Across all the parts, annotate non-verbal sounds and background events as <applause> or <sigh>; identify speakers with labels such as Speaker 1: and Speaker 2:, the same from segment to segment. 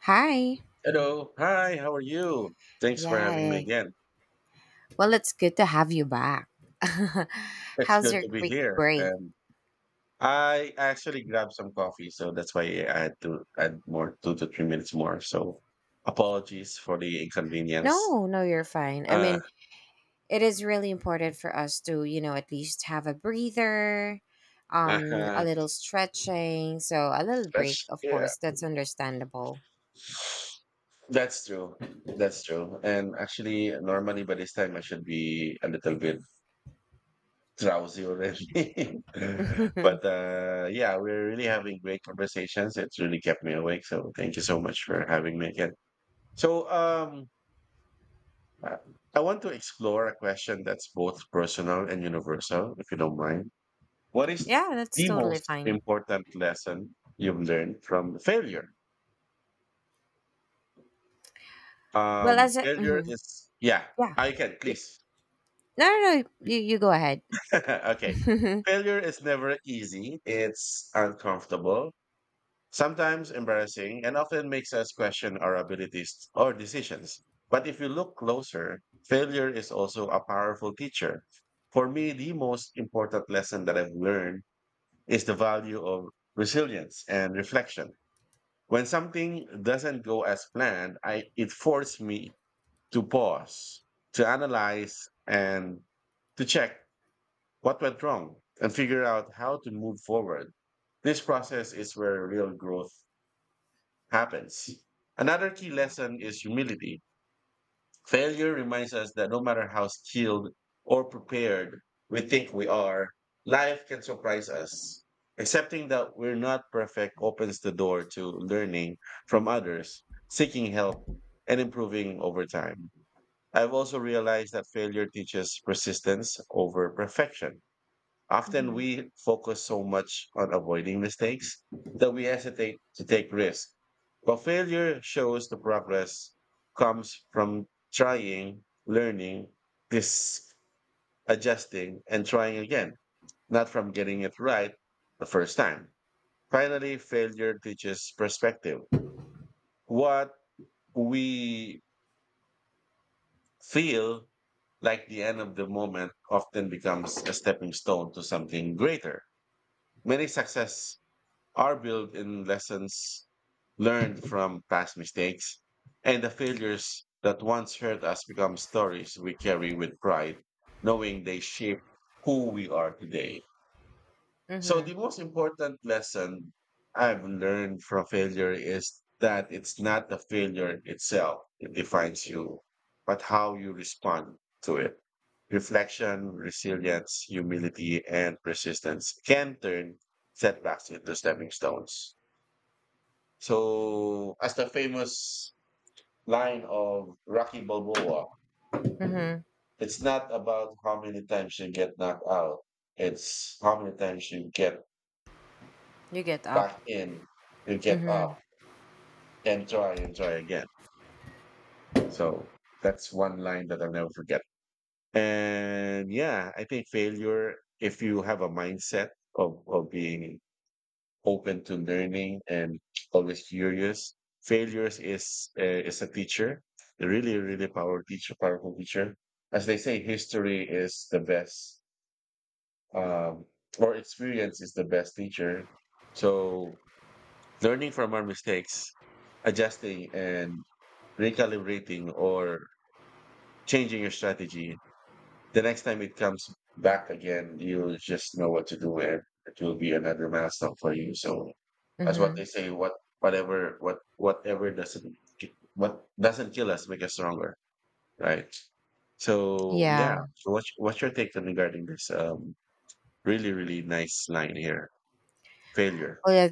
Speaker 1: Hi.
Speaker 2: Hello. Hi, how are you? Thanks for
Speaker 1: Yeah.
Speaker 2: having me
Speaker 1: Eh.
Speaker 2: again.
Speaker 1: Well, it's good to have you back. <laughs>
Speaker 2: It's
Speaker 1: How's
Speaker 2: good
Speaker 1: your
Speaker 2: to be
Speaker 1: quick
Speaker 2: here.
Speaker 1: break?
Speaker 2: I actually grabbed some coffee, so that's why I had to add more 2 to 3 minutes more. So apologies for the inconvenience.
Speaker 1: No, no, you're fine. I
Speaker 2: Uh,
Speaker 1: mean, it is really important for us to, you know, at least have a breather, a
Speaker 2: uh,
Speaker 1: little stretching, so a little break,
Speaker 2: that's
Speaker 1: of
Speaker 2: yeah,
Speaker 1: course. That's understandable.
Speaker 2: that's true. That's true. And actually, normally by this time I should be a little bit drowsy already.
Speaker 1: <laughs>
Speaker 2: <laughs>
Speaker 1: yeah,
Speaker 2: But yeah, we're really having great conversations. It's really kept me awake. So thank you so much for having me again. So um, I I want to explore a question that's both personal and universal, if you don't mind. What is
Speaker 1: that's
Speaker 2: the
Speaker 1: totally
Speaker 2: most
Speaker 1: fine.
Speaker 2: important lesson you've learned from failure?
Speaker 1: Well,
Speaker 2: Um,
Speaker 1: as a
Speaker 2: failure
Speaker 1: mhm,
Speaker 2: is, yeah,
Speaker 1: yeah,
Speaker 2: I can,
Speaker 1: Y-
Speaker 2: please.
Speaker 1: No, no, no, you go ahead.
Speaker 2: <laughs>
Speaker 1: <laughs>
Speaker 2: Okay.
Speaker 1: mhm,
Speaker 2: Failure is never easy. It's uncomfortable, sometimes embarrassing, and often makes us question our abilities or decisions. But if you look closer, failure is also a powerful teacher. For me, the most important lesson that I've learned is the value of resilience and reflection. When something doesn't go as planned, it forced me to pause, to analyze, and to check what went wrong and figure out how to move forward. This process is where real growth happens. Another key lesson is humility. Failure reminds us that no matter how skilled or prepared we think we are, life can surprise us. Accepting that we're not perfect opens the door to learning from others, seeking help, and improving over time. I've also realized that failure teaches persistence over perfection. Often we focus so much on avoiding mistakes that we hesitate to take risks. But failure shows the progress comes from trying, learning, this adjusting, and trying again, not from getting it right the first time. Finally, failure teaches perspective. What we feel like the end of the moment often becomes a stepping stone to something greater. Many success are built in lessons learned from past mistakes, and the failures that once hurt us become stories we carry with pride, knowing they shape who we are today. So, the
Speaker 1: mhm,
Speaker 2: most important lesson I've learned from failure is that it's not the failure itself that defines you, but how you respond to it. Reflection, resilience, humility, and persistence can turn setbacks into stepping stones. So, as the famous line of Rocky Balboa,
Speaker 1: mhm.
Speaker 2: it's not about how many times you get knocked out, it's how many times you get
Speaker 1: You get up.
Speaker 2: back in, you get
Speaker 1: Mhm,
Speaker 2: up and try again. So, that's one line that I'll never forget. And yeah, I think failure, if you have a mindset of being open to learning and always curious. Failures is a teacher, a really powerful teacher, powerful teacher. As they say, history is the best, um, or experience is the best teacher. So learning from our mistakes, adjusting and recalibrating or changing your strategy the next time it comes back again, you'll just know what to do, and it will be another milestone for you. So that's what
Speaker 1: mhm.
Speaker 2: they say. What doesn't kill us make us stronger, right? So yeah,
Speaker 1: Yeah.
Speaker 2: so what's your take on regarding this? Really nice line here. Failure.
Speaker 1: Well, yeah,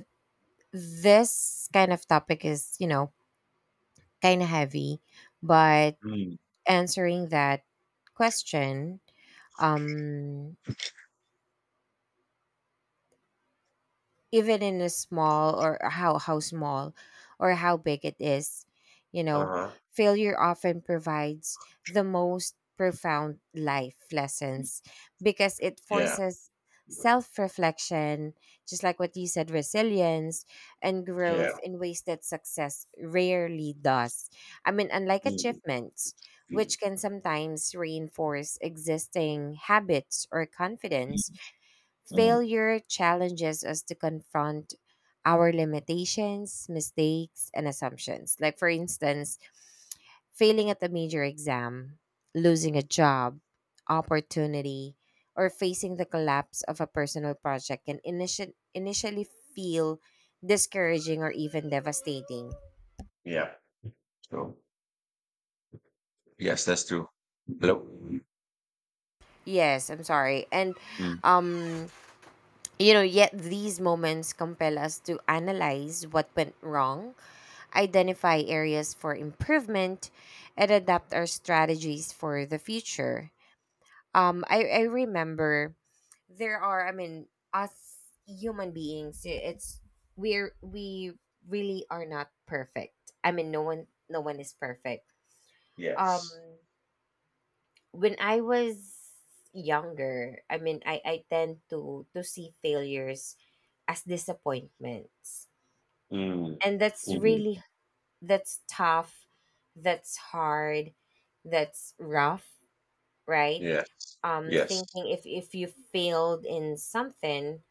Speaker 1: this kind of topic is, you know, kind of heavy, but
Speaker 2: Mm.
Speaker 1: answering that question, um, even in a small or how small or how big it is, you
Speaker 2: Uh
Speaker 1: know,
Speaker 2: huh.
Speaker 1: failure often provides the most profound life lessons because it
Speaker 2: Yeah.
Speaker 1: forces self-reflection, just like what you said. Resilience and
Speaker 2: Yeah.
Speaker 1: growth in ways that success rarely does. I mean, unlike
Speaker 2: Mm.
Speaker 1: achievements,
Speaker 2: Mm.
Speaker 1: which can sometimes reinforce existing habits or confidence.
Speaker 2: Mm.
Speaker 1: Failure challenges us to confront our limitations, mistakes, and assumptions. Like, for instance, failing at a major exam, losing a job, opportunity, or facing the collapse of a personal project can initially feel discouraging or even devastating.
Speaker 2: Yeah. So yes, that's true. Hello.
Speaker 1: Yes, I'm sorry. And
Speaker 2: Mm.
Speaker 1: um you know, yet these moments compel us to analyze what went wrong, identify areas for improvement, and adapt our strategies for the future. I remember there are, I mean, us human beings, it's we really are not perfect. I mean, no one is perfect. Um,
Speaker 2: Yes.
Speaker 1: when I was younger, I mean, I tend to see failures as disappointments,
Speaker 2: Mm.
Speaker 1: and that's
Speaker 2: Mhm.
Speaker 1: really, that's tough, that's hard, that's rough, right?
Speaker 2: Yes. Yes.
Speaker 1: Thinking if you failed in something,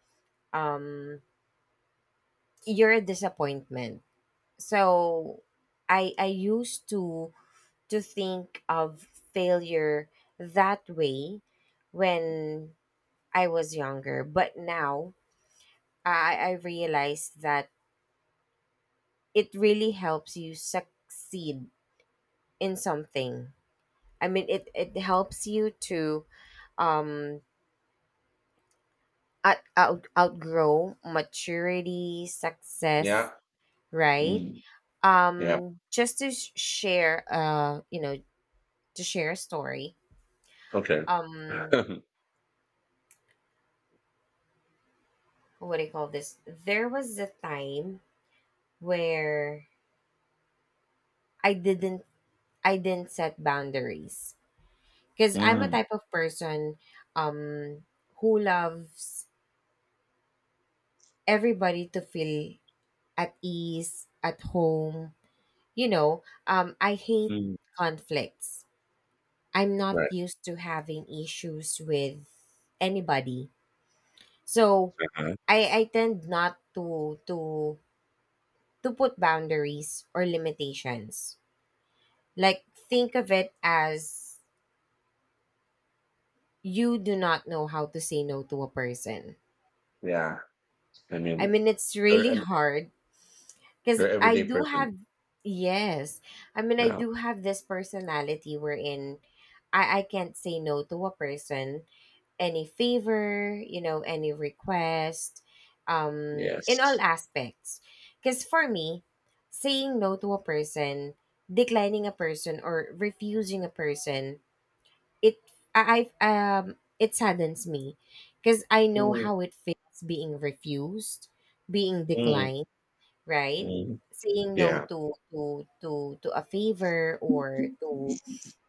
Speaker 1: um, you're a disappointment. So I used to think of failure that way when I was younger, but now I realized that it really helps you succeed in something. I mean, it helps you to um outgrow maturity,
Speaker 2: Yeah.
Speaker 1: success, right?
Speaker 2: Mm. Yeah.
Speaker 1: Just to share, you know, to share a story.
Speaker 2: Okay.
Speaker 1: Um,
Speaker 2: <laughs>
Speaker 1: what do you call this? There was a time where I didn't I didn't set boundaries because I'm a
Speaker 2: Mm.
Speaker 1: type of person, um, who loves everybody to feel at ease at home. You know, I hate
Speaker 2: Mm.
Speaker 1: conflicts. I'm not
Speaker 2: Right.
Speaker 1: used to having issues with anybody. So
Speaker 2: Uh-huh.
Speaker 1: I tend not to put boundaries or limitations. Like think of it as you do not know how to say no to a person.
Speaker 2: Yeah. I
Speaker 1: I
Speaker 2: mean,
Speaker 1: mean it's
Speaker 2: you're
Speaker 1: really <laughs>
Speaker 2: an
Speaker 1: hard. Because
Speaker 2: you're an
Speaker 1: I
Speaker 2: everyday
Speaker 1: do
Speaker 2: person.
Speaker 1: have, yes. I mean, I
Speaker 2: Yeah.
Speaker 1: do have this personality wherein I can't say no to a person, any favor, you know, any request, in all
Speaker 2: Yes.
Speaker 1: aspects. Because for me, saying no to a person, declining a person, or refusing a person, it, I, it saddens me because I know
Speaker 2: Mm.
Speaker 1: how it feels being refused, being
Speaker 2: Mm.
Speaker 1: declined, right?
Speaker 2: Mm.
Speaker 1: Saying no
Speaker 2: Yeah.
Speaker 1: to a favor or to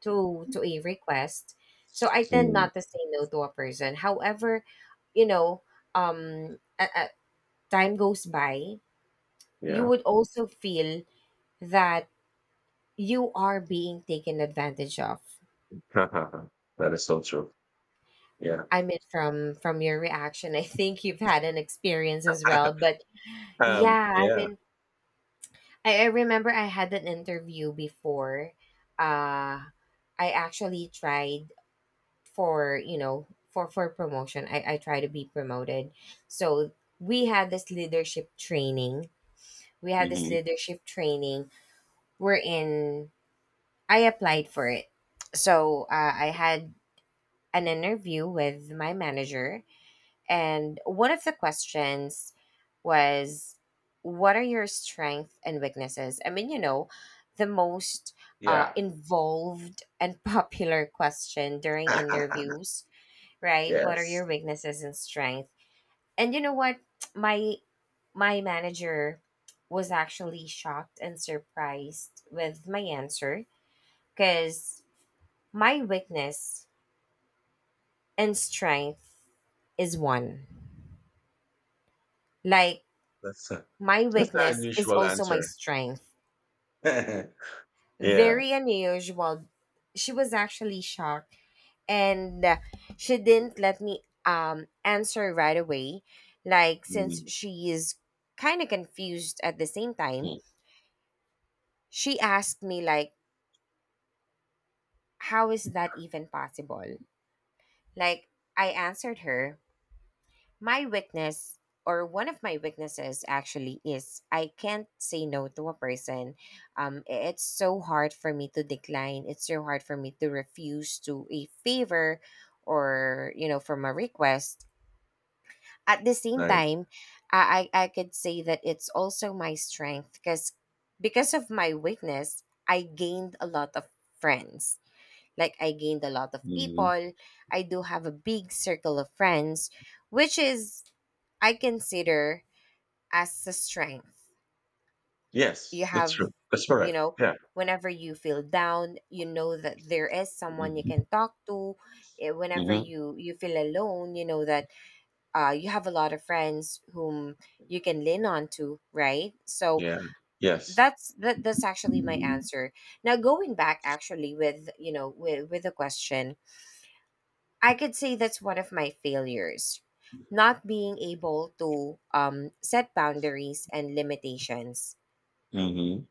Speaker 1: to a request. So I tend
Speaker 2: Mm.
Speaker 1: not to say no to a person. However, you know, a time goes by, you
Speaker 2: Yeah.
Speaker 1: would also feel that you are being taken advantage of.
Speaker 2: <laughs> That is so true. Yeah.
Speaker 1: I mean, from your reaction, I think you've had an experience as
Speaker 2: <laughs>
Speaker 1: well. But yeah, I
Speaker 2: Yeah.
Speaker 1: mean, I remember I had an interview before. Uh, I actually tried for, you know, for promotion. I try to be promoted. So we had this leadership training. We had this
Speaker 2: Hmm.
Speaker 1: leadership training. We're in. I applied for it. So I had an interview with my manager and one of the questions was, what are your strengths and weaknesses? I mean, you know, the most
Speaker 2: Yeah.
Speaker 1: involved and <laughs> popular question during
Speaker 2: <laughs>
Speaker 1: interviews, right? What are
Speaker 2: Yes.
Speaker 1: your weaknesses and strength? And you know what? <tsk> My my manager was actually shocked and surprised with my answer because my weakness and strength is one. Like,
Speaker 2: That's a,
Speaker 1: my
Speaker 2: that's an
Speaker 1: weakness is
Speaker 2: unusual
Speaker 1: also my
Speaker 2: answer.
Speaker 1: strength.
Speaker 2: <laughs> Yeah.
Speaker 1: Very unusual. She was actually shocked and she didn't let me answer right away. Like since
Speaker 2: Mm.
Speaker 1: she is kind of confused at the same time,
Speaker 2: Mm.
Speaker 1: she asked me like, how is that even possible? Like I answered her, my weakness, or one of my weaknesses actually, is I can't say no to a person. It's so hard for me to decline. It's so hard for me to refuse to a favor or, you know, from a request. At the same
Speaker 2: Right.
Speaker 1: time, I could say that it's also my strength because of my weakness, I gained a lot of friends. Like I gained a lot of
Speaker 2: Mhm.
Speaker 1: people. I do have a big circle of friends, which is I consider as a strength. You
Speaker 2: Yes, that's true.
Speaker 1: have,
Speaker 2: That's
Speaker 1: you
Speaker 2: correct.
Speaker 1: know,
Speaker 2: Yeah.
Speaker 1: whenever you feel down, you know that there is someone you
Speaker 2: Mhm.
Speaker 1: can talk to. Eh, whenever
Speaker 2: Mhm.
Speaker 1: you feel alone, you know that you have a lot of friends whom you can lean on to, right? So
Speaker 2: Yeah. Yes.
Speaker 1: that's that's actually my
Speaker 2: Mhm.
Speaker 1: answer. Now going back actually with, you know, with the question, I could say that's one of my failures. Not being able to set boundaries and limitations.
Speaker 2: Mhm.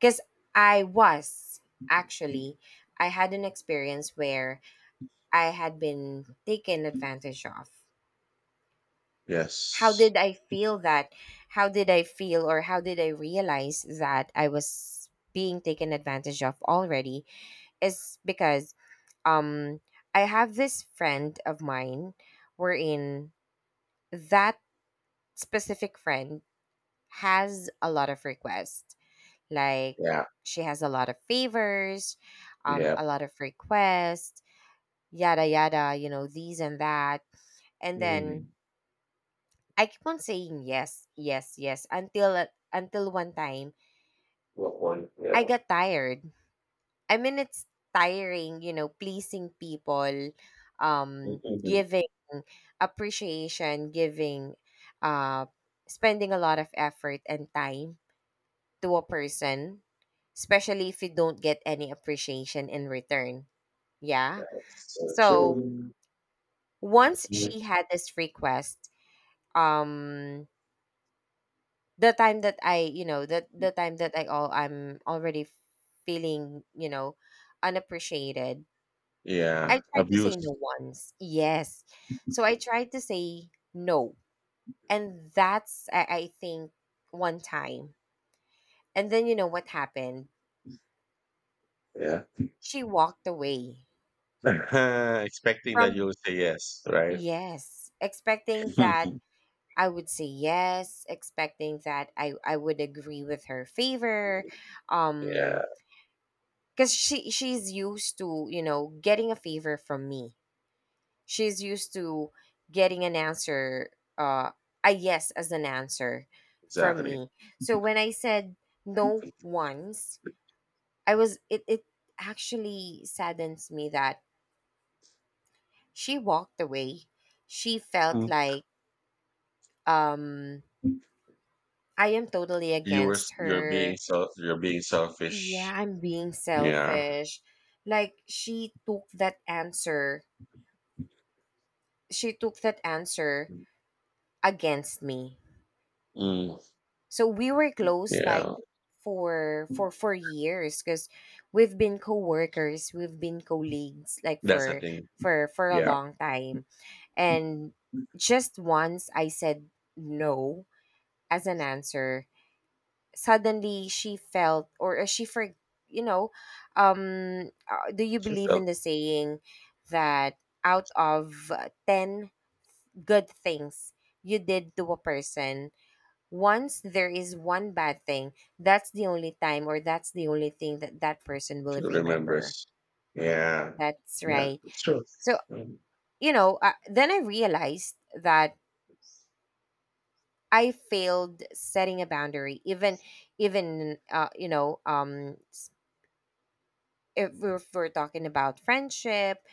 Speaker 1: Because I was actually, I had an experience where I had been taken advantage of. How
Speaker 2: Yes.
Speaker 1: did I feel that? How did I feel, or how did I realize that I was being taken advantage of already? Is because um, I have this friend of mine wherein that specific friend has a lot of requests. Like
Speaker 2: Yeah.
Speaker 1: she has a lot of favors,
Speaker 2: Yeah.
Speaker 1: a lot of requests, yada yada, you know, these and that. And then
Speaker 2: Mhm.
Speaker 1: I keep on saying yes, yes, yes until one time
Speaker 2: Good point.
Speaker 1: I
Speaker 2: Yeah.
Speaker 1: got tired. I mean it's tiring, you know, pleasing people,
Speaker 2: Mhm.
Speaker 1: giving appreciation, giving uh spending a lot of effort and time to a person, especially if you don't get any appreciation in return. Yeah.
Speaker 2: That's so
Speaker 1: So
Speaker 2: true.
Speaker 1: once
Speaker 2: Mhm.
Speaker 1: she had this request, um, the time that I, you know, the time that I all I'm already feeling, you know, unappreciated. I
Speaker 2: Yeah.
Speaker 1: tried to say no
Speaker 2: Abuse.
Speaker 1: once. Yes. So I tried to say no. And that's, I think one time. And then you know what happened?
Speaker 2: Yeah.
Speaker 1: She walked away
Speaker 2: <laughs> Expecting that you'll
Speaker 1: from.
Speaker 2: say yes, right?
Speaker 1: Yes, expecting that
Speaker 2: <laughs>
Speaker 1: I would say yes, expecting that I would agree with her favor,
Speaker 2: Yeah,
Speaker 1: um, because she's used to, you know, getting a favor from me. She's used to getting an answer, uh, a yes as an answer from
Speaker 2: exactly.
Speaker 1: me. So when I said no once, I was it it actually saddens me that she walked away. She felt
Speaker 2: Mm.
Speaker 1: like um I am totally
Speaker 2: You were s
Speaker 1: against
Speaker 2: you're being
Speaker 1: her.
Speaker 2: self you're being selfish.
Speaker 1: Yeah, I'm being
Speaker 2: Yeah.
Speaker 1: selfish. Like she took that answer. She took that answer against me.
Speaker 2: Mm.
Speaker 1: So we were close like
Speaker 2: Yeah.
Speaker 1: for for years because we've been co-workers, we've been colleagues like
Speaker 2: That's the
Speaker 1: for
Speaker 2: thing.
Speaker 1: for a
Speaker 2: Yeah.
Speaker 1: long time. And just once I said no as an answer, suddenly she felt or she for you know do you
Speaker 2: She
Speaker 1: believe in
Speaker 2: felt
Speaker 1: the saying that out of 10 good things you did to a person, once there is one bad thing, that's the only time or that's the only thing that that person will
Speaker 2: she
Speaker 1: remember.
Speaker 2: remembers. Yeah.
Speaker 1: That's
Speaker 2: Yeah,
Speaker 1: right.
Speaker 2: it's true.
Speaker 1: So
Speaker 2: Mm.
Speaker 1: you know then I realized that I failed setting a boundary, even you know um, if we're talking about friendship,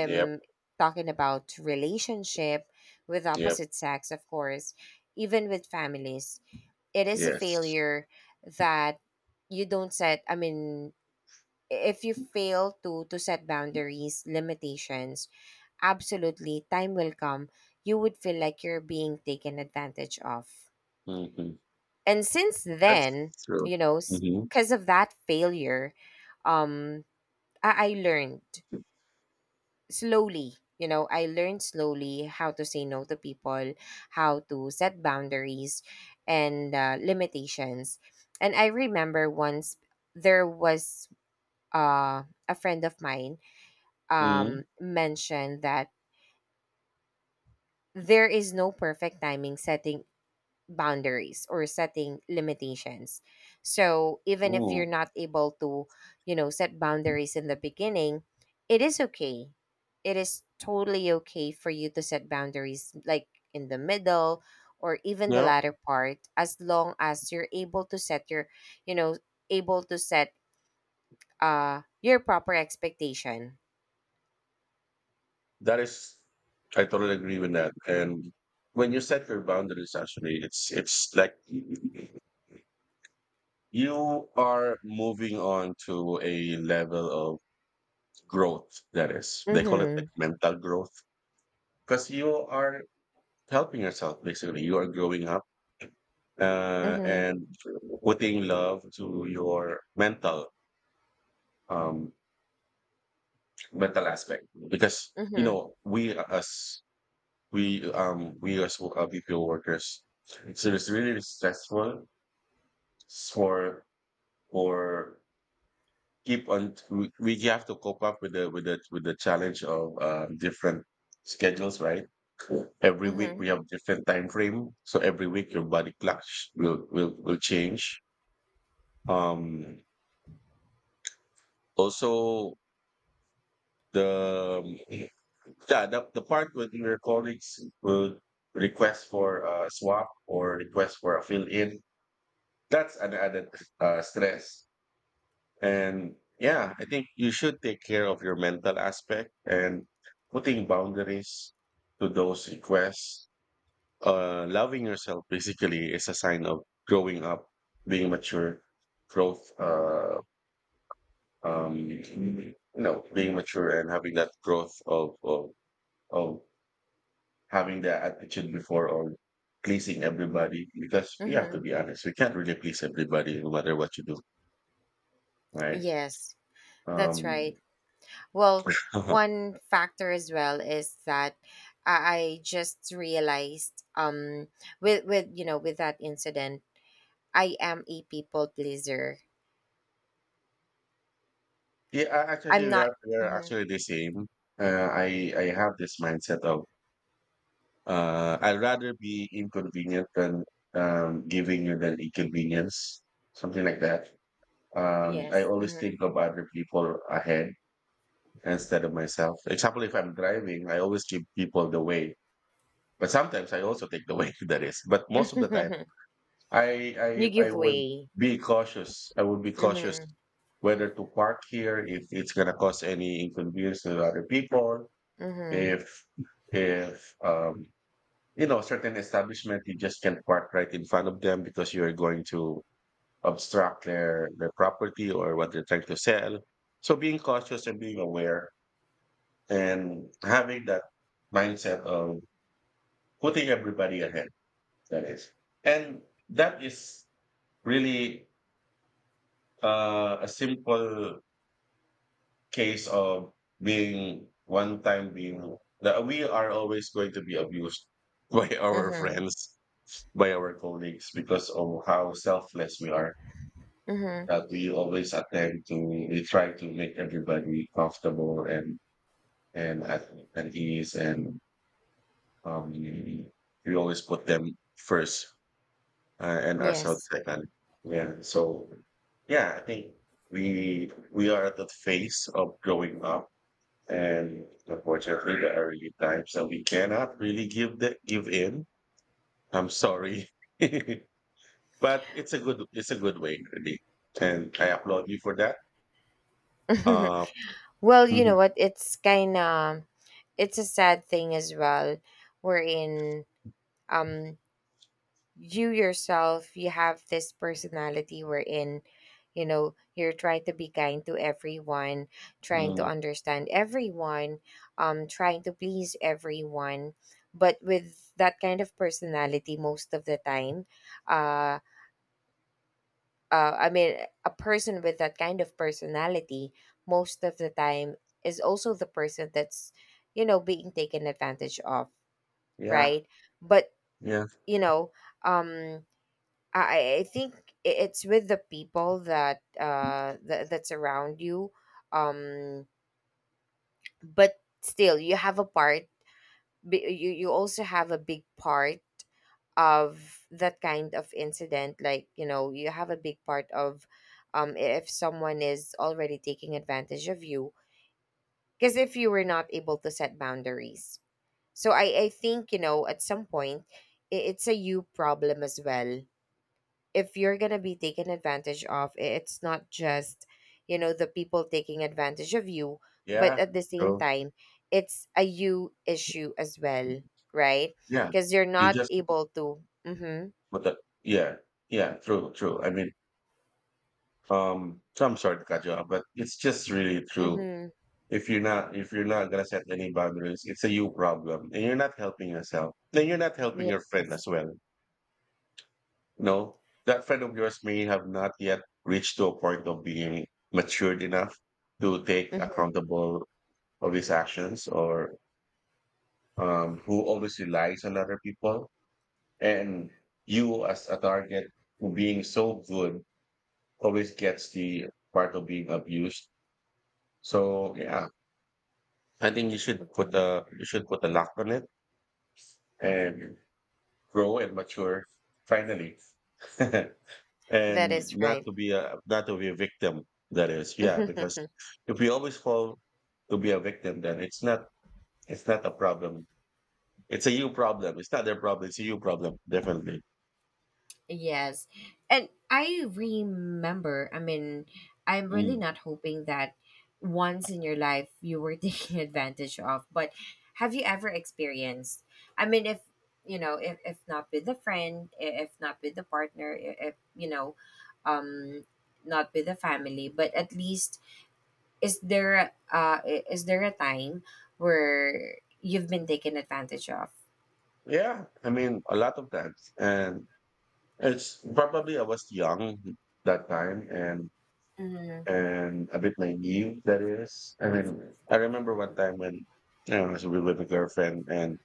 Speaker 2: Yep,
Speaker 1: talking about relationship with
Speaker 2: yep,
Speaker 1: opposite sex, of course, even with families, it is a
Speaker 2: yes.
Speaker 1: failure that you don't set. I mean, if you fail to set boundaries, limitations, absolutely, time will come. You would feel like you're being taken advantage of,
Speaker 2: Mhm.
Speaker 1: and since
Speaker 2: That's
Speaker 1: then,
Speaker 2: true.
Speaker 1: you know,
Speaker 2: Mhm,
Speaker 1: because of that failure, um, I learned. Slowly, you know, I learned slowly how to say no to people, how to set boundaries and limitations. And I remember once there was a friend of mine
Speaker 2: mhm,
Speaker 1: mentioned that there is no perfect timing setting boundaries or setting limitations. So even if you're
Speaker 2: mm.
Speaker 1: not able to, you know, set boundaries in the beginning, it is okay. It is totally okay for you to set boundaries like in the middle or even the
Speaker 2: No,
Speaker 1: latter part as long as you're able to set your, you know, able to set your proper expectation.
Speaker 2: that is I totally agree with that, and when you set your boundaries, actually, it's like you are moving on to a level of growth, that is. They call it, like,
Speaker 1: Mhm.
Speaker 2: mental growth, because you are helping yourself, basically. You are growing up.
Speaker 1: Mhm.
Speaker 2: And putting love to your mental um mental aspect because you
Speaker 1: Mhm.
Speaker 2: know we as BPO workers so it's really stressful for for we have to cope up with the with the challenge of different schedules, right? Every week
Speaker 1: Mhm.
Speaker 2: we have different time frame, so every week your body clock will will change. um Also, the <clears throat> yeah, the part with your colleagues would request for a swap or request for a fill in. That's an added stress. And yeah, I think you should take care of your mental aspect and putting boundaries to those requests. Loving yourself basically is a sign of growing up, being mature, growth, uh, you know, being mature and having that growth of having that attitude before or pleasing everybody because we have to
Speaker 1: Mhm.
Speaker 2: be honest, we can't really please everybody no matter what you do, right?
Speaker 1: Yes. That's
Speaker 2: Um,
Speaker 1: right. Well,
Speaker 2: <laughs> yeah,
Speaker 1: one factor as well is that I just realized with, you know, with that incident I am a people pleaser.
Speaker 2: actually,
Speaker 1: I'm not.
Speaker 2: we are
Speaker 1: Hmm.
Speaker 2: actually the same. I have this mindset of I'd rather be inconvenient than giving you an inconvenience, something like that. I
Speaker 1: Yes.
Speaker 2: always
Speaker 1: Hmm.
Speaker 2: think of other people ahead instead of myself. Example, if I'm driving, I always give people the way. But sometimes I also take the way, <laughs> that is. But most of the time,
Speaker 1: <laughs>
Speaker 2: I I
Speaker 1: You
Speaker 2: I
Speaker 1: give
Speaker 2: would
Speaker 1: way.
Speaker 2: be cautious. I would be cautious
Speaker 1: Hmm.
Speaker 2: whether to park here if it's gonna cause any inconvenience to other people.
Speaker 1: Hmm.
Speaker 2: If if you know certain establishment you just can't park right in front of them because you're going to obstruct their property or what they're trying to sell. So being cautious and being aware and having that mindset of putting everybody ahead. That is. And that is really a simple case of being one time being that we are always going to be abused <laughs> by our
Speaker 1: Hmm.
Speaker 2: friends, by our colleagues because of how selfless we are.
Speaker 1: Hmm.
Speaker 2: That we always attempt to we try to make everybody comfortable and at ease and we always put them first and ourselves
Speaker 1: Yes.
Speaker 2: second. Yeah. So yeah, I think we are at the phase of growing up, and unfortunately, the early times that we cannot really give the give in. I'm sorry, <laughs> but it's a good, it's a good way really, and I applaud you for that.
Speaker 1: <laughs>
Speaker 2: Uh,
Speaker 1: Well, you
Speaker 2: Mhm.
Speaker 1: know what? It's kind of it's a sad thing as well. Wherein Um, you yourself you have this personality wherein you know you're trying to be kind to everyone, trying to
Speaker 2: Mm,
Speaker 1: understand everyone, trying to please everyone. But with that kind of personality, most of the time, uh I mean, a person with that kind of personality, most of the time, is also the person that's, you know, being taken advantage of,
Speaker 2: yeah,
Speaker 1: right? But,
Speaker 2: yeah,
Speaker 1: you know, um, I think it's with the people that that's around you, um. But still, you have a part. You you also have a big part of that kind of incident. Like, you know, you have a big part of, if someone is already taking advantage of you, because if you were not able to set boundaries. So I think, you know, at some point, it's a you problem as well. If you're going to be taken advantage of, it's not just, you know, the people taking advantage of you, but
Speaker 2: yeah,
Speaker 1: at the same
Speaker 2: true.
Speaker 1: time, it's a you issue as well, right?
Speaker 2: Yeah,
Speaker 1: Because you're
Speaker 2: you
Speaker 1: not
Speaker 2: just
Speaker 1: able to. Mm-hmm.
Speaker 2: but the, yeah, yeah, true, true. I mean, so I'm sorry to cut you off, but it's just really true,
Speaker 1: Mm-hmm.
Speaker 2: if you're not, if you're not gonna set any boundaries, it's a you problem, and you're not helping yourself. Then you're not helping your friend as
Speaker 1: Yes.
Speaker 2: well. No, that friend of yours may have not yet reached to a point of being matured enough to take
Speaker 1: Mm-hmm.
Speaker 2: accountable of his actions, or who always relies on other people, and you as a target who being so good always gets the part of being abused. So yeah, I think you should put a, you should put a lock on it and grow and mature finally <laughs> and
Speaker 1: That is
Speaker 2: not
Speaker 1: right.
Speaker 2: to be a, not to be a victim, that is, yeah, because
Speaker 1: <laughs>
Speaker 2: if we always fall to be a victim, then it's not, it's not a problem, it's a you problem, it's not their problem, it's a you problem definitely.
Speaker 1: Yes. And I remember, I mean, I'm really
Speaker 2: Mm.
Speaker 1: not hoping that once in your life you were <laughs> taken advantage of, but have you ever experienced? I mean, if, you know, if not with a friend, if not with a partner, if, you know, um, not with a family, but at least is there is there a time where you've been taken advantage of?
Speaker 2: Yeah, I mean a lot of times, and it's probably I was young that time
Speaker 1: Mm-hmm.
Speaker 2: and a bit naive, that is. I mean I remember one time when you know, I was with a girlfriend and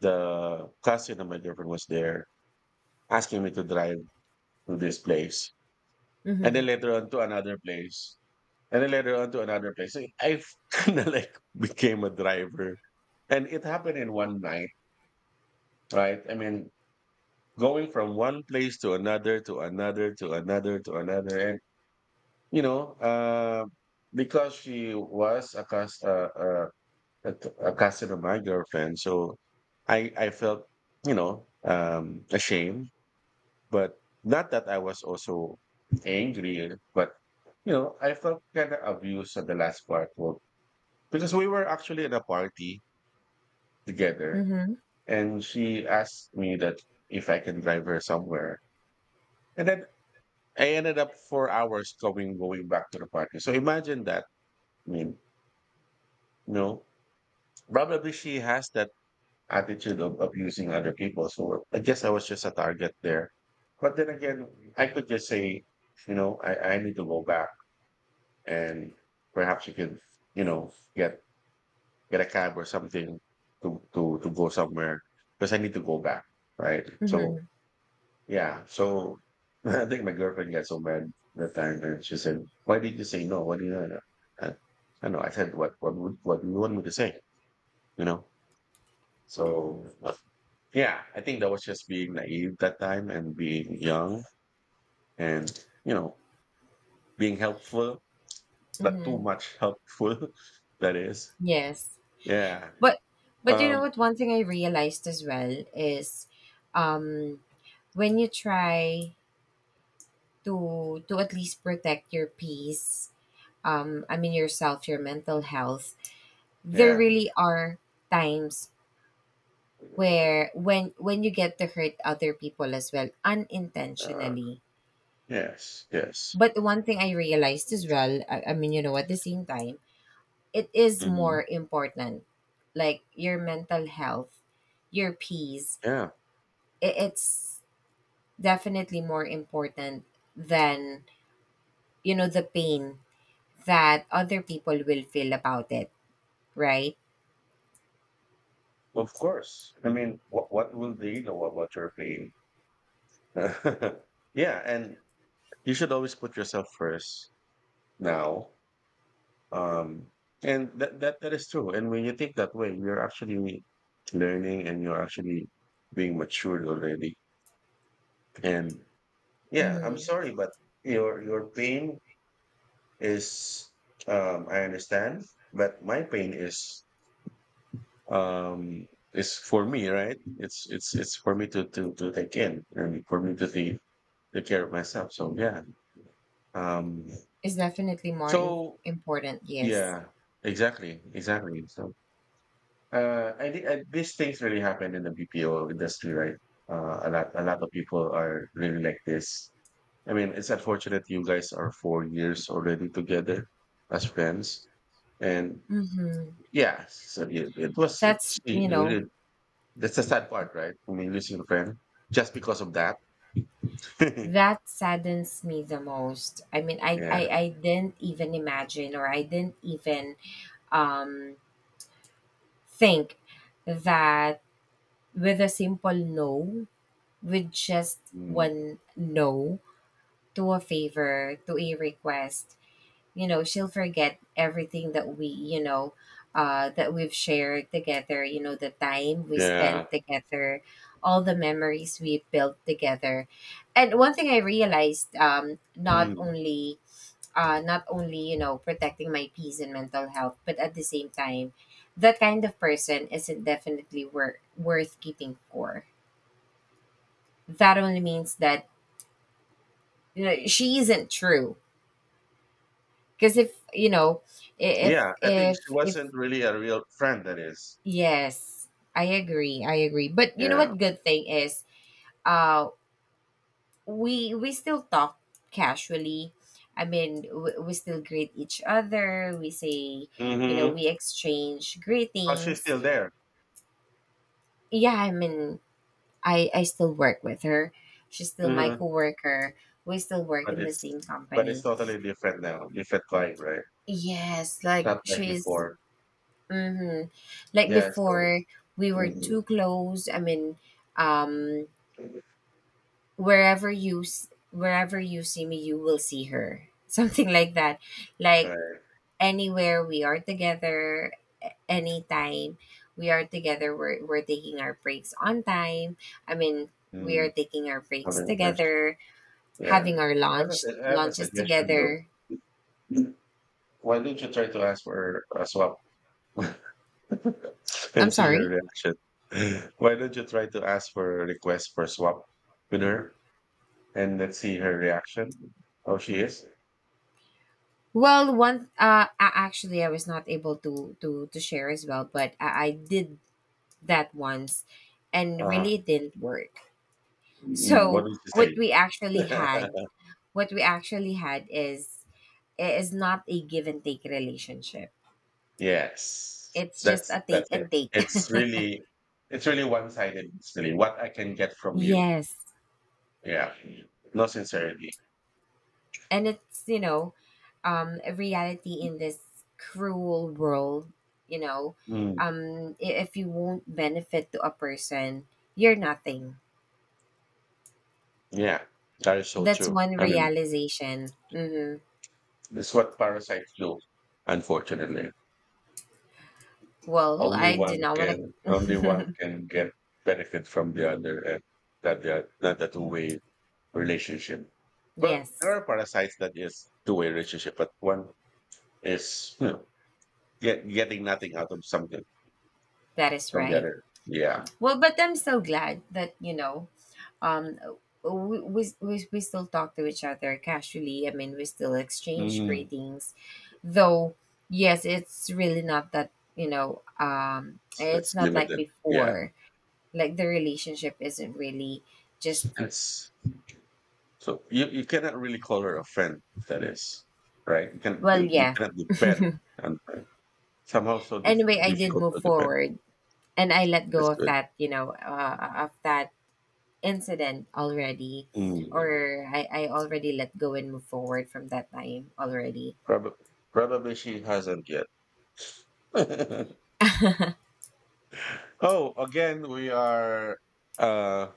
Speaker 2: the cousin of my girlfriend was there asking me to drive to this place and then
Speaker 1: Mm-hmm.
Speaker 2: later on to another place and then later on to another place. So I kind of <laughs> like became a driver, and it happened in one night, right? I mean going from one place to another to another to another to another, and you know because she was a, a cousin of my girlfriend, so I felt you know ashamed. But not that I was also angry, but you know, I felt kind of abused at the last part, well, because we were actually at a party together,
Speaker 1: Mm-hmm.
Speaker 2: and she asked me that if I can drive her somewhere, and then I ended up 4 hours going going back to the party. So imagine that. I mean, you know, probably she has that attitude of abusing other people. So I guess I was just a target there. But then again, I could just say, you know, I need to go back and perhaps you could, you know, get a cab or something to go somewhere because I need to go back, right? So
Speaker 1: Mm-hmm.
Speaker 2: yeah, so <laughs> I think my girlfriend got so mad that time, and she said, "Why did you say no? What do you?" know?" I, I know. I said, what would what do you want me to say?" You know. So yeah, I think that was just being naive that time and being young and you know being helpful, but too
Speaker 1: Mm-hmm.
Speaker 2: much helpful. <laughs> That is,
Speaker 1: Yes.
Speaker 2: yeah.
Speaker 1: But but you know
Speaker 2: Um,
Speaker 1: what? One thing I realized as well is, um, when you try to at least protect your peace, I mean yourself, your mental health, there
Speaker 2: Yeah.
Speaker 1: really are times where when you get to hurt other people as well
Speaker 2: Uh,
Speaker 1: unintentionally.
Speaker 2: yes, yes.
Speaker 1: But one thing I realized as well, I mean, you know, at the same time, it is
Speaker 2: Mhm.
Speaker 1: more important, like, your mental health, your peace.
Speaker 2: Yeah,
Speaker 1: It's definitely more important than, you know, the pain that other people will feel about it, right?
Speaker 2: of course. I mean, what will they know about your pain? <laughs> Yeah, and you should always put yourself first now. Um, and that is true. And when you think that way, you're actually learning and you're actually being matured already. And yeah, I'm
Speaker 1: Mm-hmm.
Speaker 2: sorry, but your pain is I understand, but my pain is um it's for me, right? It's for me to take in and for me to take, take care of myself, so yeah, um
Speaker 1: Is definitely more
Speaker 2: so
Speaker 1: important, yes.
Speaker 2: yeah, exactly, exactly. So I think, these things really happen in the BPO industry, right? A lot of people are really like this. I mean, it's unfortunate you guys are 4 years already together as friends, and
Speaker 1: Mm-hmm.
Speaker 2: yeah, so it was it's
Speaker 1: That's, you know,
Speaker 2: really. That's the sad part, right? I mean, losing a friend just because of that. <laughs> Yeah.
Speaker 1: that saddens me the most. I mean, I didn't even imagine or I didn't even um think that with a simple no, with just
Speaker 2: Mm.
Speaker 1: one no to a favor, to a request, you know, she'll forget everything that we, you know, that we've shared together, you know, the time we
Speaker 2: Yeah.
Speaker 1: spent together, all the memories we built together. And one thing I realized, um, not
Speaker 2: Mm.
Speaker 1: only not only, you know, protecting my peace and mental health, but at the same time, that kind of person isn't definitely worth keeping for. That only means that, you know, she isn't true. Because if you know,
Speaker 2: Yeah, I think she
Speaker 1: if
Speaker 2: wasn't really a real friend. That is.
Speaker 1: Yes, I agree. I agree. But you know
Speaker 2: Yeah.
Speaker 1: what good thing is, uh we still talk casually. I mean, we still greet each other. We say, you know,
Speaker 2: Mm-hmm.
Speaker 1: we exchange
Speaker 2: Oh, she's
Speaker 1: greetings.
Speaker 2: still there.
Speaker 1: Yeah, I mean, I still work with her. She's still my
Speaker 2: Mm-hmm.
Speaker 1: coworker. We still work
Speaker 2: But
Speaker 1: in the
Speaker 2: it's
Speaker 1: same
Speaker 2: but it's
Speaker 1: company.
Speaker 2: totally different now. Different vibe, right?
Speaker 1: Yes, like
Speaker 2: Not like
Speaker 1: she's
Speaker 2: before.
Speaker 1: mhm, like
Speaker 2: Yeah. So.
Speaker 1: before we were
Speaker 2: Mhm.
Speaker 1: too close. I mean, um, wherever you wherever you see me, you will see her, <laughs> something like that. Like
Speaker 2: Right.
Speaker 1: anywhere we are together, anytime we are together, we're taking our breaks on time. I mean, we are
Speaker 2: Mm.
Speaker 1: taking our breaks
Speaker 2: Okay, that's-
Speaker 1: together,
Speaker 2: Yeah.
Speaker 1: having our
Speaker 2: I have,
Speaker 1: lunch
Speaker 2: I have a
Speaker 1: lunches
Speaker 2: suggestion though.
Speaker 1: together.
Speaker 2: Why don't you try to ask for a swap? <laughs> <laughs>
Speaker 1: I'm
Speaker 2: And see her
Speaker 1: sorry.
Speaker 2: reaction. <laughs> Why don't you try to ask for a request for swap with her, and let's see her reaction? How she is?
Speaker 1: Well, one actually I was not able to to share as well, but I did that once, and
Speaker 2: Uh,
Speaker 1: really it didn't work.
Speaker 2: mm, what
Speaker 1: So
Speaker 2: did she
Speaker 1: what
Speaker 2: say?
Speaker 1: we actually had,
Speaker 2: <laughs>
Speaker 1: what we actually had is not a give and take relationship.
Speaker 2: Yes,
Speaker 1: It's just a take
Speaker 2: that's it.
Speaker 1: and take.
Speaker 2: It's
Speaker 1: <laughs>
Speaker 2: really it's really one sided. Really, what I can get from you?
Speaker 1: yes.
Speaker 2: Yeah, no sincerity.
Speaker 1: And it's, you know, a reality in this cruel world, you know,
Speaker 2: Mm,
Speaker 1: if you won't benefit to a person, you're nothing.
Speaker 2: yeah, that is so
Speaker 1: That's
Speaker 2: true.
Speaker 1: one
Speaker 2: I mean,
Speaker 1: realization. Hmm.
Speaker 2: it's what parasites do, unfortunately.
Speaker 1: Well, I do not want
Speaker 2: Only one
Speaker 1: to. <laughs>
Speaker 2: can get benefit from the other, and that the not a two-way relationship. Well, there
Speaker 1: yes,
Speaker 2: are parasites that is two-way relationship, but one is, you know, getting nothing out of something
Speaker 1: that is
Speaker 2: from the
Speaker 1: right.
Speaker 2: other. Yeah,
Speaker 1: Well, but I'm so glad that, you know, um uh, we still talk to each other casually. I mean, we still exchange
Speaker 2: mm.
Speaker 1: greetings, though. Yes, it's really not that, you know, um,
Speaker 2: it's,
Speaker 1: it's
Speaker 2: it's
Speaker 1: not like
Speaker 2: limited. Yeah,
Speaker 1: before. Like the relationship isn't really just
Speaker 2: it's so you cannot really call her a friend. That is right.
Speaker 1: well,
Speaker 2: You
Speaker 1: yeah.
Speaker 2: cannot
Speaker 1: <laughs>
Speaker 2: depend on her. Somehow so
Speaker 1: anyway,
Speaker 2: different,
Speaker 1: I did
Speaker 2: difficult
Speaker 1: move
Speaker 2: to depend.
Speaker 1: forward, and I let
Speaker 2: That's
Speaker 1: go of
Speaker 2: good.
Speaker 1: that, you know, of that incident already.
Speaker 2: Mm.
Speaker 1: Or I already let go and move forward from that time already.
Speaker 2: Probably, probably she hasn't yet. <laughs> Oh, again, we are uh,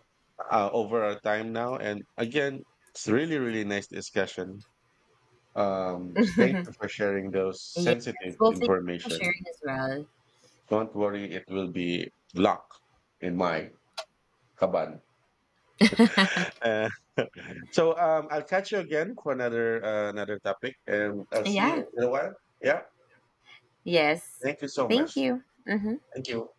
Speaker 2: over our time now, and again, it's really, really nice discussion. Thank you
Speaker 1: <laughs>
Speaker 2: for sharing those
Speaker 1: Yes.
Speaker 2: sensitive
Speaker 1: Well, thank you for
Speaker 2: information.
Speaker 1: sharing as
Speaker 2: Don't worry, it will be locked in my kaban.
Speaker 1: well.
Speaker 2: Uh, <laughs> so I'll catch you again for another another topic, and I'll
Speaker 1: <laughs>
Speaker 2: see
Speaker 1: yeah.
Speaker 2: you in a while. Yeah,
Speaker 1: Yes.
Speaker 2: thank you so
Speaker 1: Thank
Speaker 2: much.
Speaker 1: you. Hmm.
Speaker 2: Thank you.